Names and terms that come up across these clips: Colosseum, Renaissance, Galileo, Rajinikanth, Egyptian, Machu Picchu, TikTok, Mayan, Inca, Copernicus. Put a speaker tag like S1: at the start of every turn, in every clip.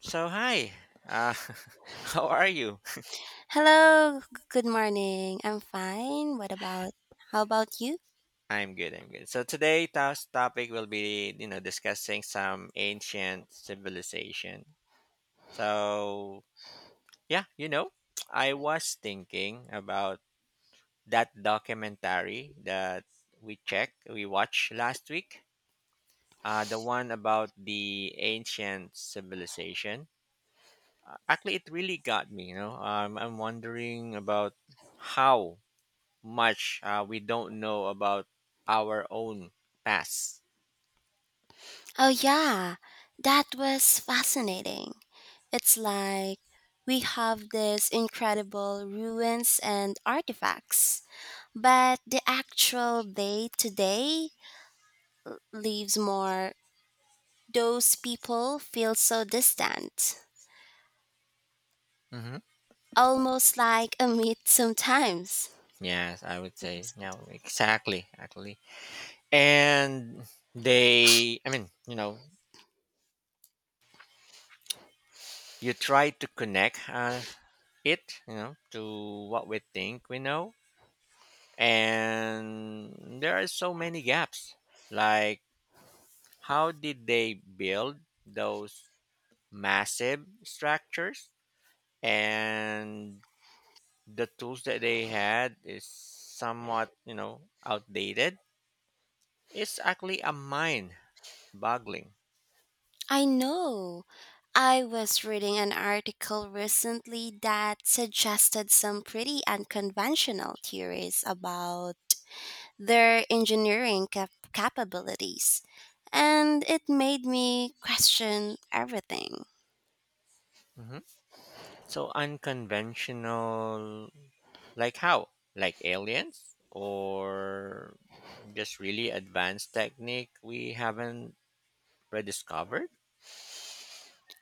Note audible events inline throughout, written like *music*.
S1: So hi, uh, *laughs* how are you?
S2: Hello, good morning. I'm fine. What about how about you?
S1: I'm good. I'm good. So today's topic will be discussing some ancient civilization. So yeah, you know, I was thinking about that documentary that we watched last week. The one about the ancient civilization. Actually, it really got me. I'm wondering about how much we don't know about our own past.
S2: Oh yeah, that was fascinating. It's like we have these incredible ruins and artifacts, but the actual day to day leaves more those people feel so distant,
S1: hmm
S2: almost like a myth sometimes.
S1: Yes, I would say. Yeah, exactly, actually. And they, I mean, you know, you try to connect to what we think we know. And there are so many gaps. Like, how did they build those massive structures? And the tools that they had is somewhat outdated. It's actually a mind boggling.
S2: I know. I was reading an article recently that suggested some pretty unconventional theories about their engineering capabilities, and it made me question everything.
S1: hmm so unconventional, like how? Like aliens, or just really advanced technique we haven't rediscovered?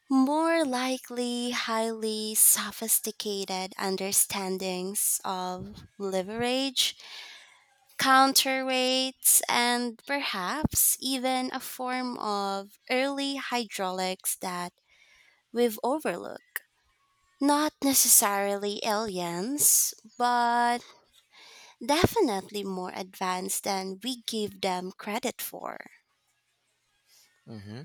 S2: More likely, highly sophisticated understandings of leverage, counterweights, and perhaps even a form of early hydraulics that we've overlooked. Not necessarily aliens, but definitely more advanced than we give them credit for.
S1: hmm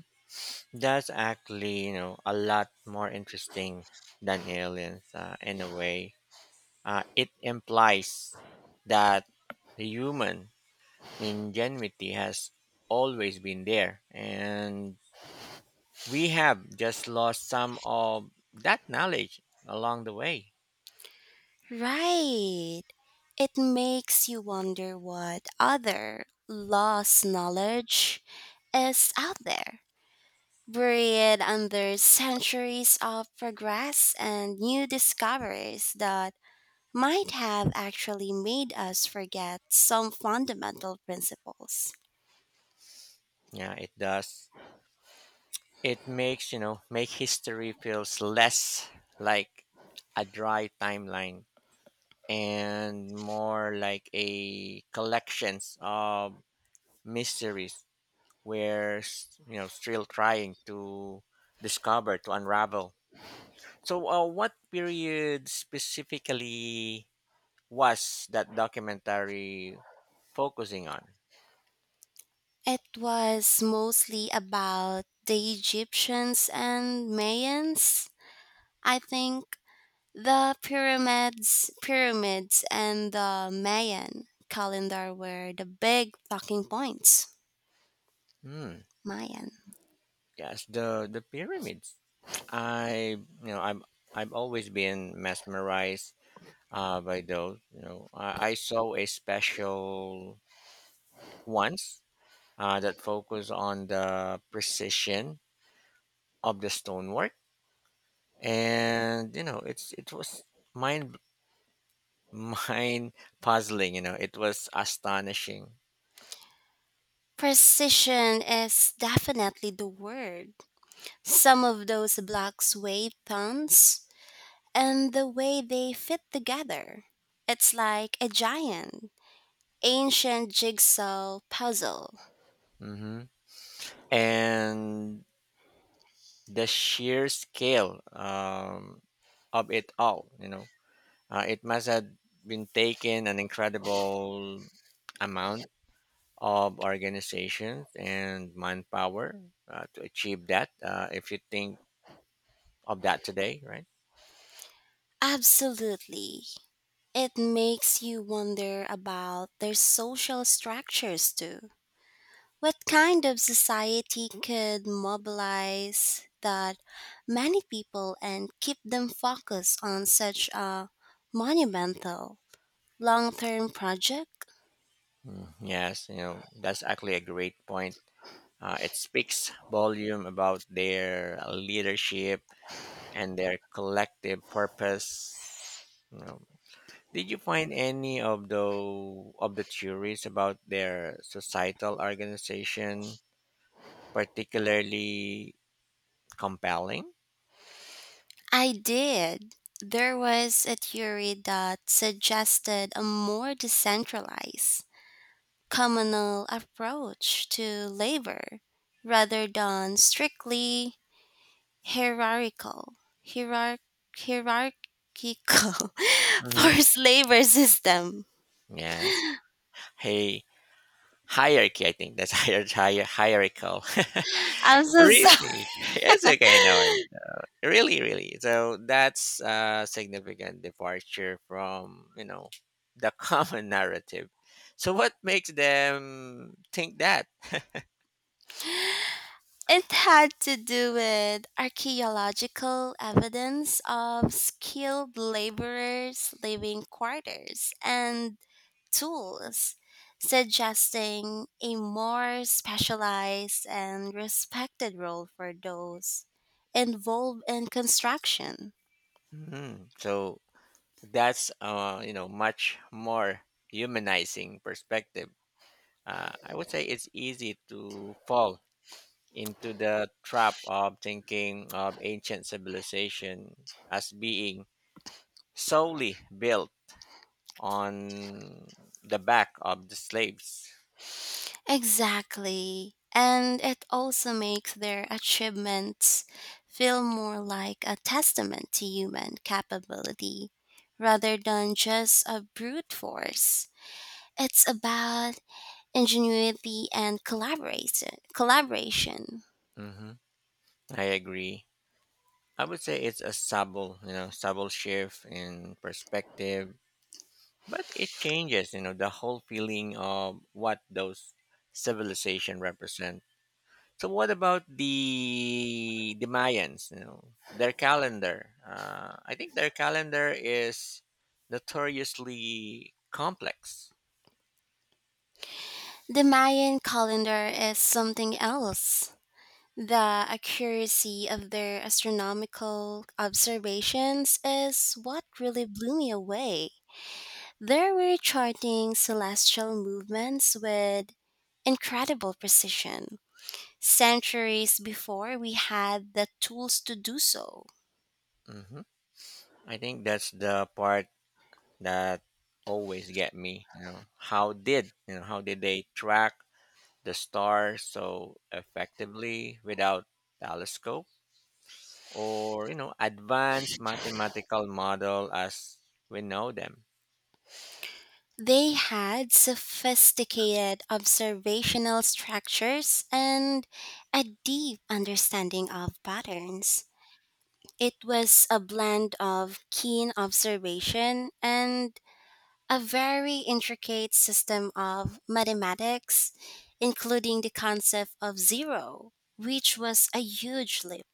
S1: that's actually a lot more interesting than aliens, in a way. It implies that human ingenuity has always been there, and we have just lost some of that knowledge along the way.
S2: Right. It makes you wonder what other lost knowledge is out there, buried under centuries of progress and new discoveries that might have actually made us forget some fundamental principles.
S1: Yeah, it does. It makes, make history feels less like a dry timeline and more like a collections of mysteries where still trying to discover to unravel. So what period specifically was that documentary focusing on?
S2: It was mostly about the Egyptians and Mayans. I think the pyramids and the Mayan calendar were the big talking points.
S1: Hmm.
S2: Mayan.
S1: Yes, the pyramids. I you know I'm I've always been mesmerized by those. You know, I saw a special once that focused on the precision of the stonework, and it was mind *laughs* mind puzzling. You know, it was astonishing.
S2: Precision is definitely the word. Some of those blocks weigh tons, and the way they fit together. It's like a giant, ancient jigsaw puzzle.
S1: hmm And the sheer scale of it all. You know, it must have been taken an incredible amount of organizations and manpower to achieve that. If you think of that today, right?
S2: Absolutely. It makes you wonder about their social structures too. What kind of society could mobilize that many people and keep them focused on such a monumental long term project?
S1: Mm, yes, that's actually a great point. It speaks volume about their leadership and their collective purpose. You know, did you find any of the theories about their societal organization particularly compelling?
S2: I did. There was a theory that suggested a more decentralized communal approach to labor rather than strictly hierarchical hierarch, hierarchical *laughs*
S1: hmm
S2: forced labor system.
S1: Yes. Hey, hierarchy. I think that's *laughs* hierarchical.
S2: I'm
S1: *laughs*
S2: so sorry.
S1: Really, it's okay. No worries.
S2: *laughs*
S1: Really, really. So that's a significant departure from the common *laughs* narrative. So what makes them think that? *laughs*
S2: It had to do with archaeological evidence of skilled laborers living quarters and tools, suggesting a more specialized and respected role for those involved in construction.
S1: Mhm. So that's much more humanizing perspective. I would say it's easy to fall into the trap of thinking of ancient civilization as being solely built on the back of the slaves.
S2: Exactly. And it also makes their achievements feel more like a testament to human capability rather than just a brute force. It's about ingenuity and collaboration.
S1: hmm I agree. I would say it's a subtle, subtle shift in perspective, but it changes, the whole feeling of what those civilization represent. So what about the Mayans? You know, their calendar. I think their calendar is notoriously complex.
S2: The Mayan calendar is something else. The accuracy of their astronomical observations is what really blew me away. They were charting celestial movements with incredible precision, centuries before we had the tools to do so.
S1: hmm I think that's the part that always get me. You know, how did they track the stars so effectively without telescope, or advanced mathematical model as we know them?
S2: They had sophisticated observational structures and a deep understanding of patterns. It was a blend of keen observation and a very intricate system of mathematics, including the concept of zero, which was a huge leap.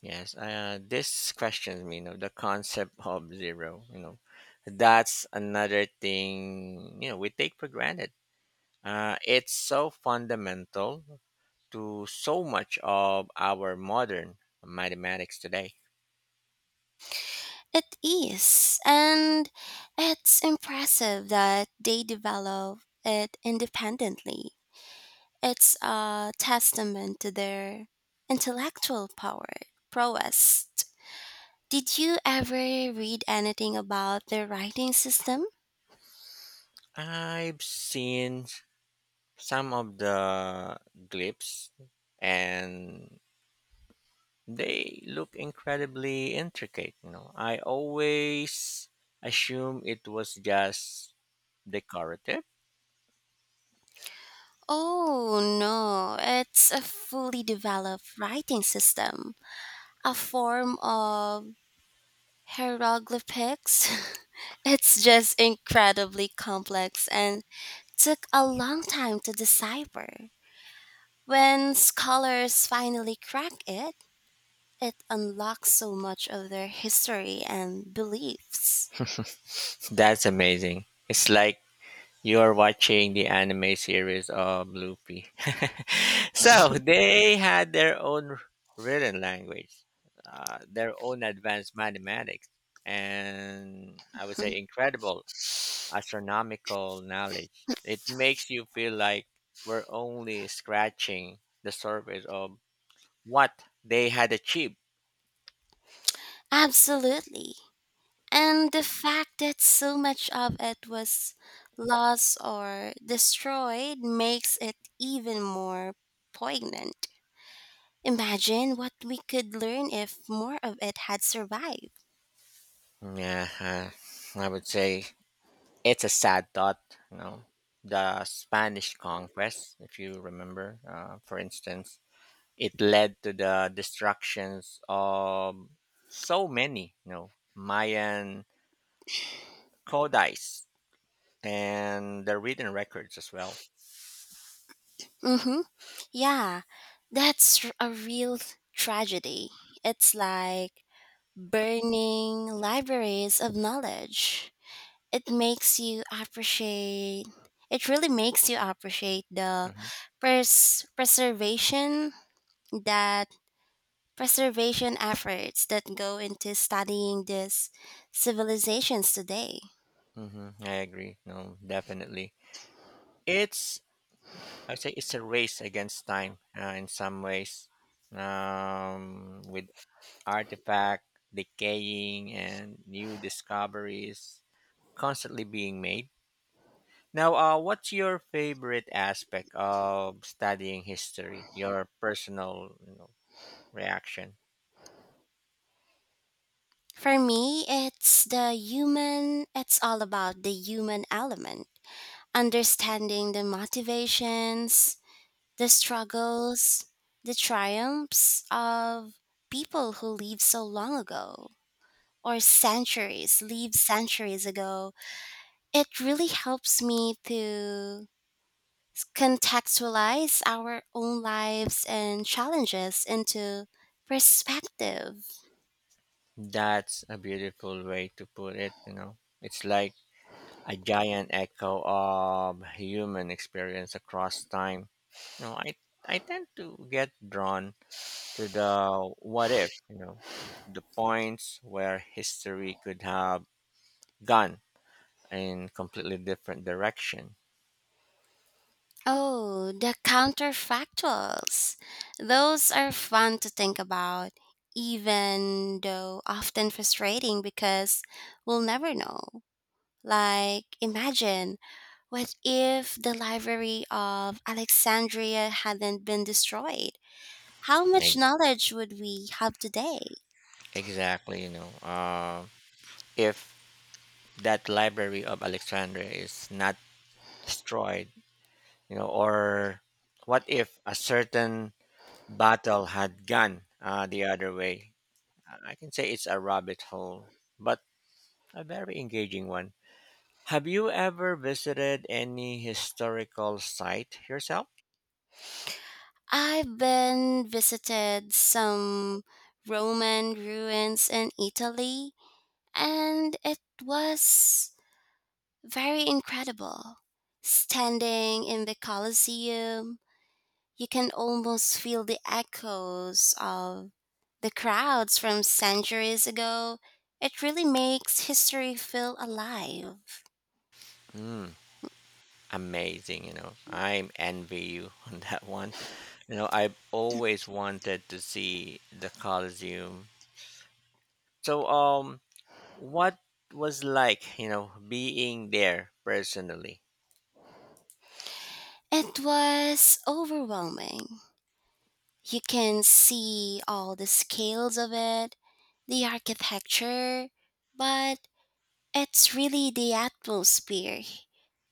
S1: Yes, this question, you know, the concept of zero, you know, that's another thing, you know, we take for granted. It's so fundamental to so much of our modern mathematics today.
S2: It is, and it's impressive that they develop it independently. It's a testament to their intellectual prowess. Did you ever read anything about their writing system?
S1: I've seen some of the glyphs, and they look incredibly intricate, you know. I always assume it was just decorative.
S2: Oh no, it's a fully developed writing system, a form of hieroglyphics. *laughs* It's just incredibly complex and took a long time to decipher. When scholars finally crack it, it unlocks so much of their history and beliefs.
S1: *laughs* That's amazing. It's like you're watching the anime series of Luffy. *laughs* So they had their own written language, their own advanced mathematics, and I would say incredible astronomical knowledge. It makes you feel like we're only scratching the surface of what they had achieved.
S2: *laughs* Absolutely. And the fact that so much of it was lost or destroyed makes it even more poignant. Imagine what we could learn if more of it had survived.
S1: Yeah, I would say it's a sad thought, you know. The Spanish conquest, if you remember, for instance, it led to the destructions of so many, you know, Mayan codices and the written records as well.
S2: Mm-hmm. Yeah, a real tragedy. It's like burning libraries of knowledge. It makes you appreciate, it really makes you appreciate the
S1: hmm
S2: preservation that preservation efforts that go into studying these civilizations today.
S1: I agree. No, definitely. It's I would say it's a race against time in some ways, with artifact decaying and new discoveries constantly being made. Now, what's your favorite aspect of studying history? Your personal, you know, reaction.
S2: For me, it's all about the human element, understanding the motivations, the struggles, the triumphs of people who lived so long ago lived centuries ago. It really helps me to contextualize our own lives and challenges into perspective.
S1: That's a beautiful way to put it. You know, it's like a giant echo of human experience across time. You know, I tend to get drawn to the what if. You know, the points where history could have gone in completely different direction.
S2: Oh, the counterfactuals. Those are fun to think about, even though often frustrating because we'll never know. Like, imagine what if the library of Alexandria hadn't been destroyed? How
S1: I
S2: much knowledge would we have today?
S1: Exactly, you know. If that library of Alexandria is not destroyed, you know, or what if a certain battle had gone the other way? I can say it's a rabbit hole, but a very engaging one. Have you ever visited any historical site yourself?
S2: I've been visited some Roman ruins in Italy, and it was very incredible. Standing in the Colosseum, you can almost feel the echoes of the crowds from centuries ago. It really makes history feel alive.
S1: Mm, amazing, you know. I envy you *laughs* on that one. You know, I've always wanted to see the Colosseum. So, what was like, you know, being there personally?
S2: It was overwhelming. You can see all the scales of it, the architecture, but it's really the atmosphere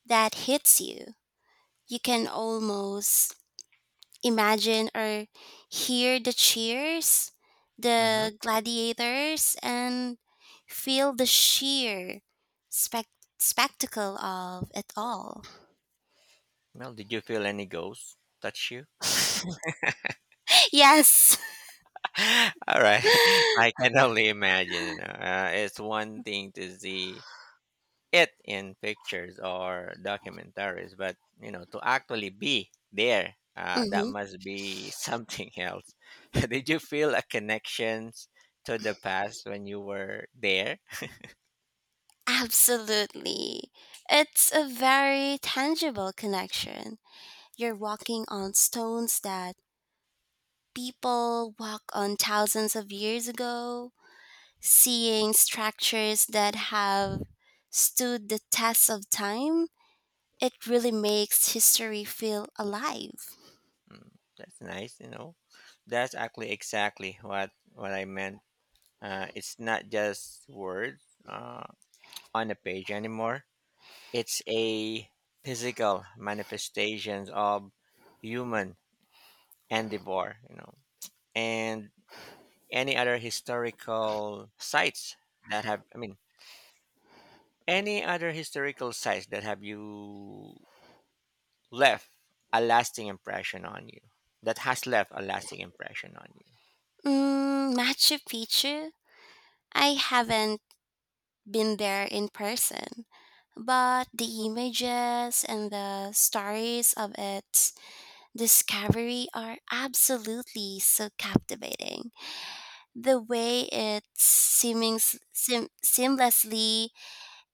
S2: that hits you. You can almost imagine or hear the cheers,
S1: hmm
S2: the gladiators, and feel the sheer spec- spectacle of it all.
S1: Well, did you feel any ghosts touch you?
S2: *laughs* Yes.
S1: *laughs* All right, *laughs* I
S2: *laughs*
S1: can only imagine. You know, it's one thing to see it in pictures or documentaries, but you know, to actually be there, that
S2: Mhm.
S1: must be something else. *laughs* Did you feel a connection to the past when you were there?
S2: Absolutely. It's a very tangible connection. You're walking on stones that people walk on thousands of years ago, seeing structures that have stood the test of time. It really makes history feel alive.
S1: Mm, that's nice. You know, that's actually exactly what I meant. It's not just words uh, on a page anymore. It's a physical manifestation of human endeavor, you know, and any other historical sites that have, I mean, any other historical sites that have you left a lasting impression on you, that has left a lasting impression on you.
S2: Mm, Machu Picchu? I haven't been there in person, but the images and the stories of it discovery are absolutely so captivating. The way it's seamlessly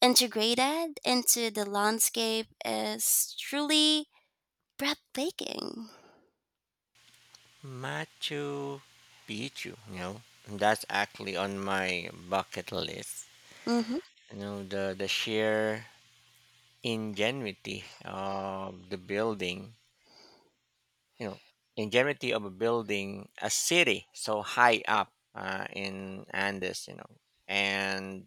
S2: integrated into the landscape is truly breathtaking.
S1: Machu Picchu, you know, that's actually on my bucket list.
S2: Hmm
S1: The sheer ingenuity of the building you know ingenuity of a building a city so high up, in andes, you know, and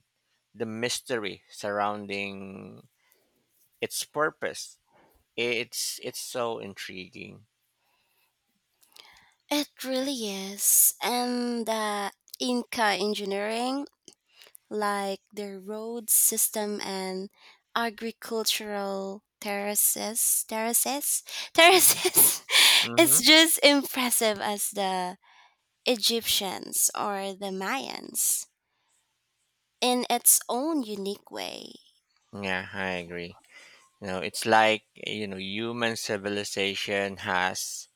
S1: the mystery surrounding its purpose, it's so intriguing.
S2: It really is. And the Inca engineering, like their road system and agricultural *laughs*
S1: hmm
S2: terraces,
S1: hmm
S2: it's just impressive as the Egyptians or the Mayans in its own unique way.
S1: yeah, I agree. You know, it's like, you know, human civilization has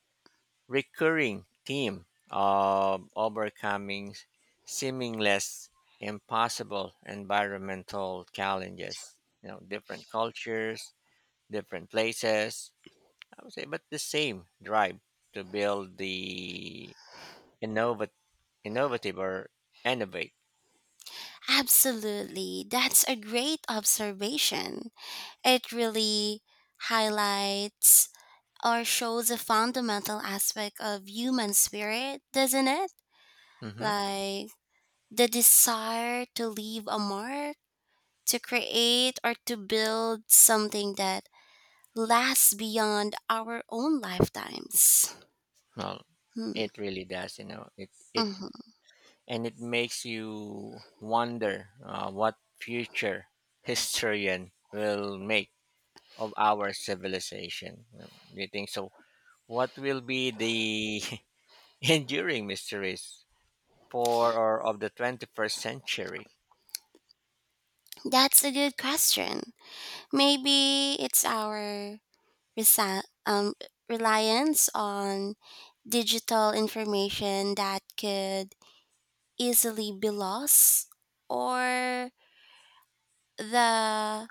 S1: recurring theme of overcoming seemingly impossible environmental challenges. You know, different cultures, different places, I would say, but the same drive to build, the innovat- innovative, or innovate.
S2: Absolutely, that's a great observation. It really highlights or shows a fundamental aspect of human spirit, doesn't it?
S1: hmm
S2: Like the desire to leave a mark, to create or to build something that lasts beyond our own lifetimes.
S1: well,
S2: Hmm.
S1: it really does, you know, it.
S2: Mhm.
S1: And it makes you wonder what future *laughs* historian will make of our civilization. You know, do you think so? What will be the *laughs* enduring mysteries for or of the 21st century?
S2: That's a good question. Maybe it's our resi- um, reliance on digital information that could easily be lost or the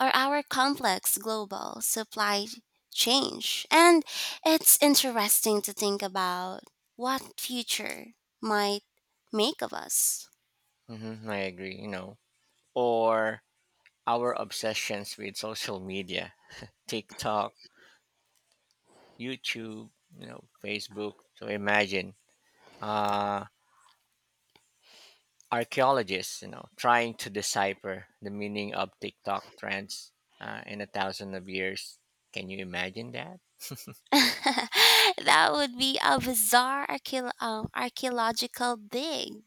S2: or our complex global supply change, and it's interesting to think about what future might make of us.
S1: I agree, you know. Or our obsessions with social media, TikTok, YouTube, you know, Facebook. So imagine, uh, archaeologists, you know, trying to decipher the meaning of TikTok trends in a thousand of years. Can you imagine that?
S2: *laughs* That would be a bizarre archaeological dig.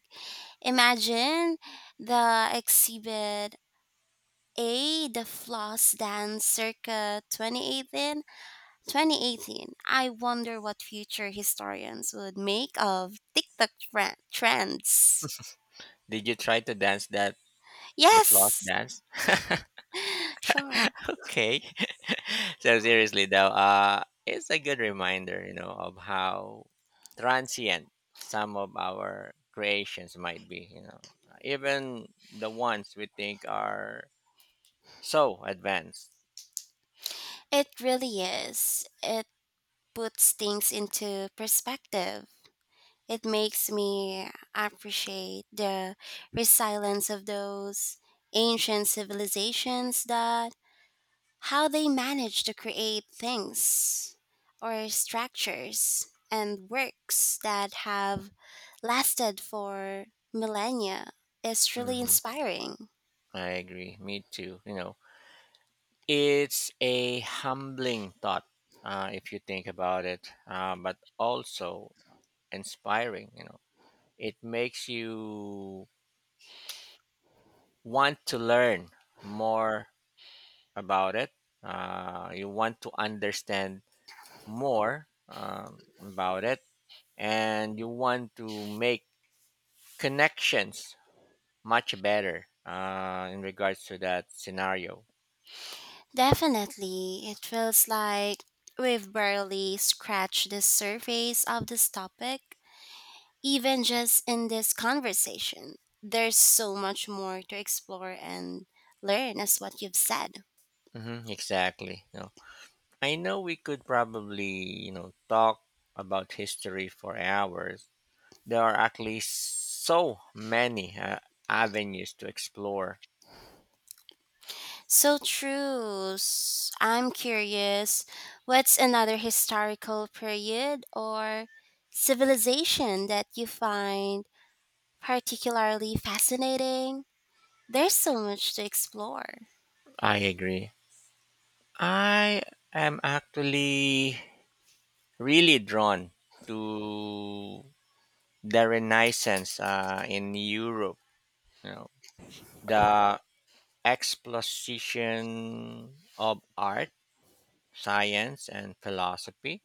S2: Imagine the exhibit A, the floss dance circa 2018. 2018. I wonder what future historians would make of TikTok trends.
S1: Did you try to dance that? The floss
S2: Yes,
S1: dance.
S2: *gasps* *laughs* sure.
S1: Okay. *laughs* So seriously though, it's a good reminder, you know, of how transient some of our creations might be. You know, even the ones we think are so advanced.
S2: It really is. It puts things into perspective. It makes me appreciate the resilience of those ancient civilizations that how they manage to create things or structures and works that have lasted for millennia is really
S1: hmm
S2: inspiring.
S1: I agree. Me too. You know, it's a humbling thought, if you think about it, but also inspiring. You know, it makes you want to learn more about it, you want to understand more, about it, and you want to make connections much better, in regards to that scenario.
S2: Definitely, it feels like we've barely scratched the surface of this topic, even just in this conversation. There's so much more to explore and learn, as what you've said.
S1: Exactly. No. I know we could probably, you know, talk about history for hours. There are at least so many avenues to explore.
S2: So true. I'm curious, what's another historical period or civilization that you find particularly fascinating? There's so much to explore.
S1: I agree. I am actually really drawn to the Renaissance, in Europe. You know, the explosion of art, science, and philosophy.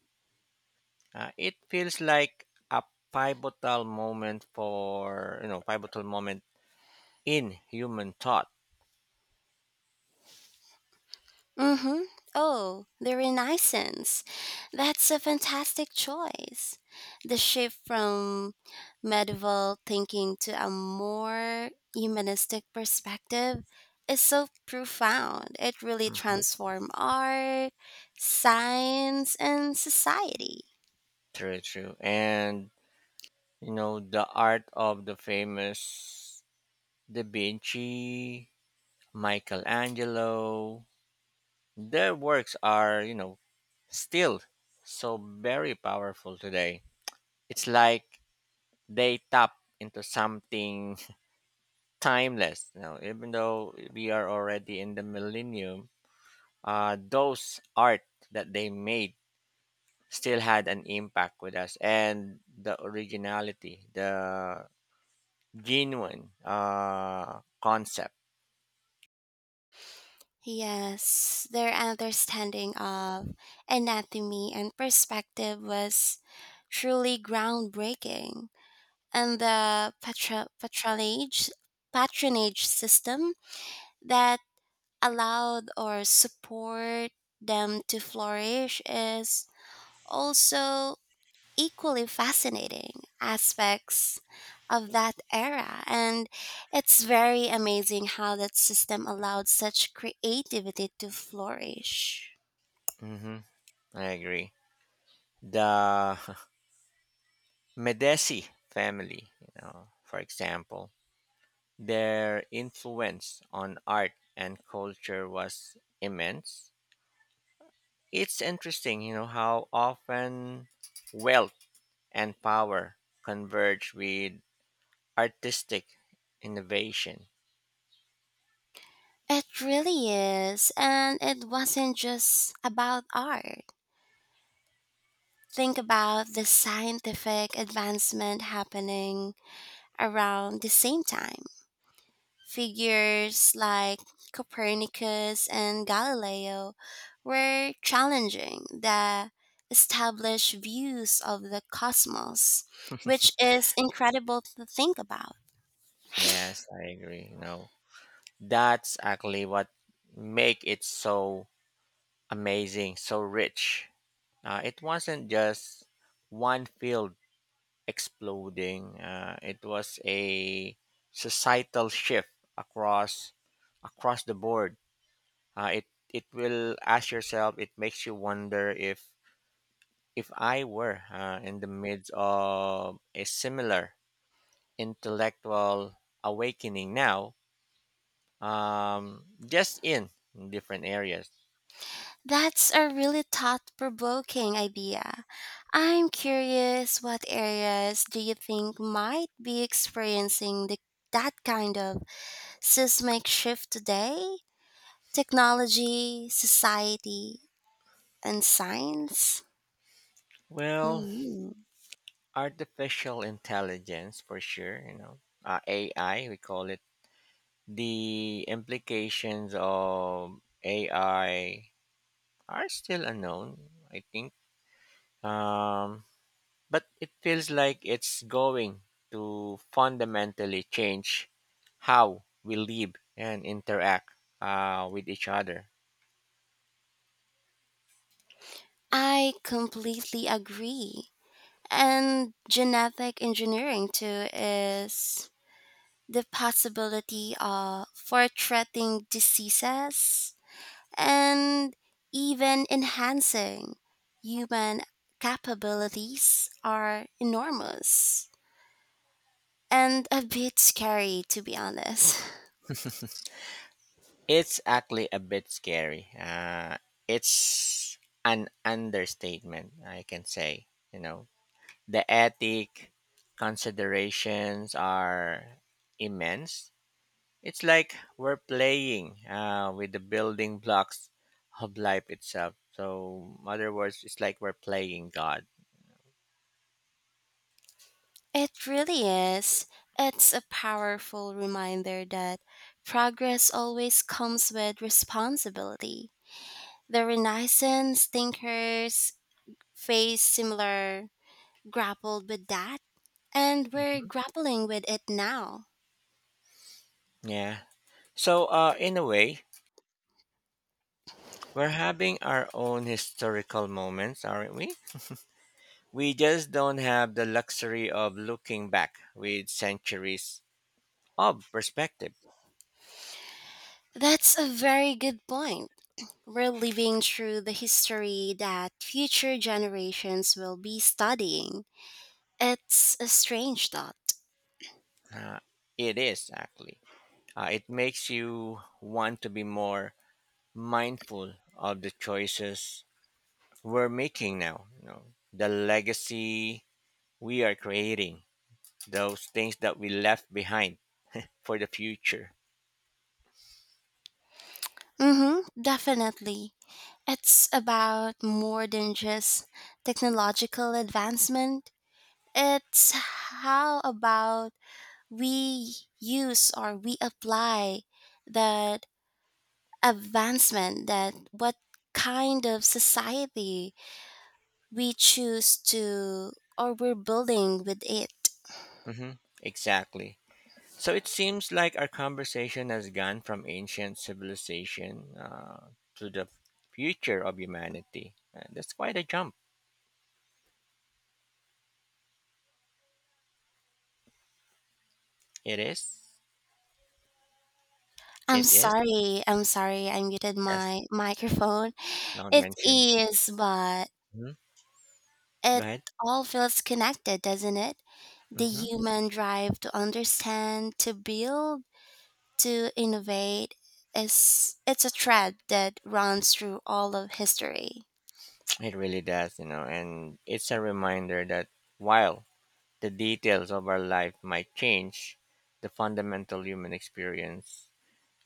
S1: It feels like a pivotal moment for you know pivotal moment in human thought.
S2: Mm-hmm. Oh, the Renaissance. That's a fantastic choice. The shift from medieval thinking to a more humanistic perspective is so profound. It really
S1: hmm
S2: transformed art, science, and society.
S1: True, true. And you know, the art of the famous Da Vinci, Michelangelo, their works are, you know, still so very powerful today. It's like they tap into something *laughs* timeless. You know, even though we are already in the millennium, those art that they made still had an impact with us, and the originality, the genuine concept.
S2: Yes, their understanding of anatomy and perspective was truly groundbreaking. And the patronage system that allowed or support them to flourish is also equally fascinating aspects of that era, and it's very amazing how that system allowed such creativity to flourish.
S1: hmm I agree. The *laughs* Medici family, you know, for example, their influence on art and culture was immense. It's interesting, you know, how often wealth and power converge with artistic innovation.
S2: It really is, and it wasn't just about art. Think about the scientific advancement happening around the same time. Figures like Copernicus and Galileo were challenging the established views of the cosmos, which
S1: *laughs*
S2: is incredible to think about.
S1: Yes, I agree. You know, that's actually what make it so amazing, so rich. It wasn't just one field exploding. It was a societal shift across across the board. Uh, it it will ask yourself. It makes you wonder if, I were, in the midst of a similar intellectual awakening now, just in different areas.
S2: That's a really thought provoking idea. I'm curious, what areas do you think might be experiencing that kind of seismic shift today, technology, society, and science?
S1: Well,
S2: Hmm.
S1: artificial intelligence for sure. You know, AI we call it. The implications of AI are still unknown, I think. Um, but it feels like it's going to fundamentally change how we live and interact, with each other.
S2: I completely agree. And genetic engineering, too, is the possibility of for treating diseases and even enhancing human capabilities are enormous, and a bit scary, to be honest. *laughs*
S1: It's actually a bit scary. It's an understatement, I can say. You know, the ethic considerations are immense. It's like we're playing, with the building blocks of life itself. So, in other words, it's like we're playing God.
S2: It really is. It's a powerful reminder that progress always comes with responsibility. The Renaissance thinkers faced similar, grappled with that, and we're
S1: hmm
S2: grappling with it now.
S1: Yeah. So, in a way, we're having our own historical moments, aren't we? We just don't have the luxury of looking back with centuries of perspective.
S2: That's a very good point. We're living through the history that future generations will be studying. It's a strange thought.
S1: Uh, it is actually. It makes you want to be more mindful of the choices we're making now, you know, the legacy we are creating, those things that we left behind for the future.
S2: Mm hmm, definitely. It's about more than just technological advancement. It's how about we use or we apply that advancement, that what kind of society we choose to or we're building with it.
S1: hmm Exactly. So it seems like our conversation has gone from ancient civilization, to the future of humanity. That's quite a jump. It is. It is.
S2: I'm sorry I muted
S1: Yes.
S2: my microphone.
S1: Not
S2: It
S1: mentioned.
S2: is, but
S1: Mhm. Go
S2: it
S1: ahead.
S2: all feels connected, doesn't it? The
S1: hmm
S2: human drive to understand, to build, to innovate is it's a thread that runs through all of history.
S1: It really does, you know, and it's a reminder that, while the details of our life might change, the fundamental human experience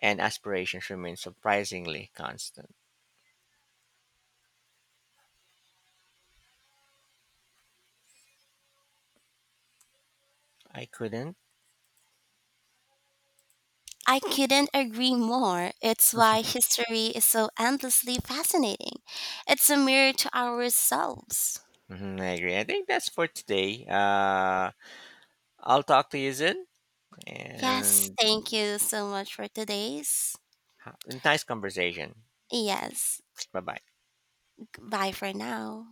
S1: and aspirations remain surprisingly constant. I couldn't.
S2: I couldn't agree more. It's why history is so endlessly fascinating. It's a mirror to ourselves.
S1: Mhm, I agree. I think that's for today. I'll talk to you soon,
S2: Yes,
S1: and
S2: thank you so much for today's.
S1: ha- nice conversation.
S2: Yes,
S1: Bye bye.
S2: bye for now.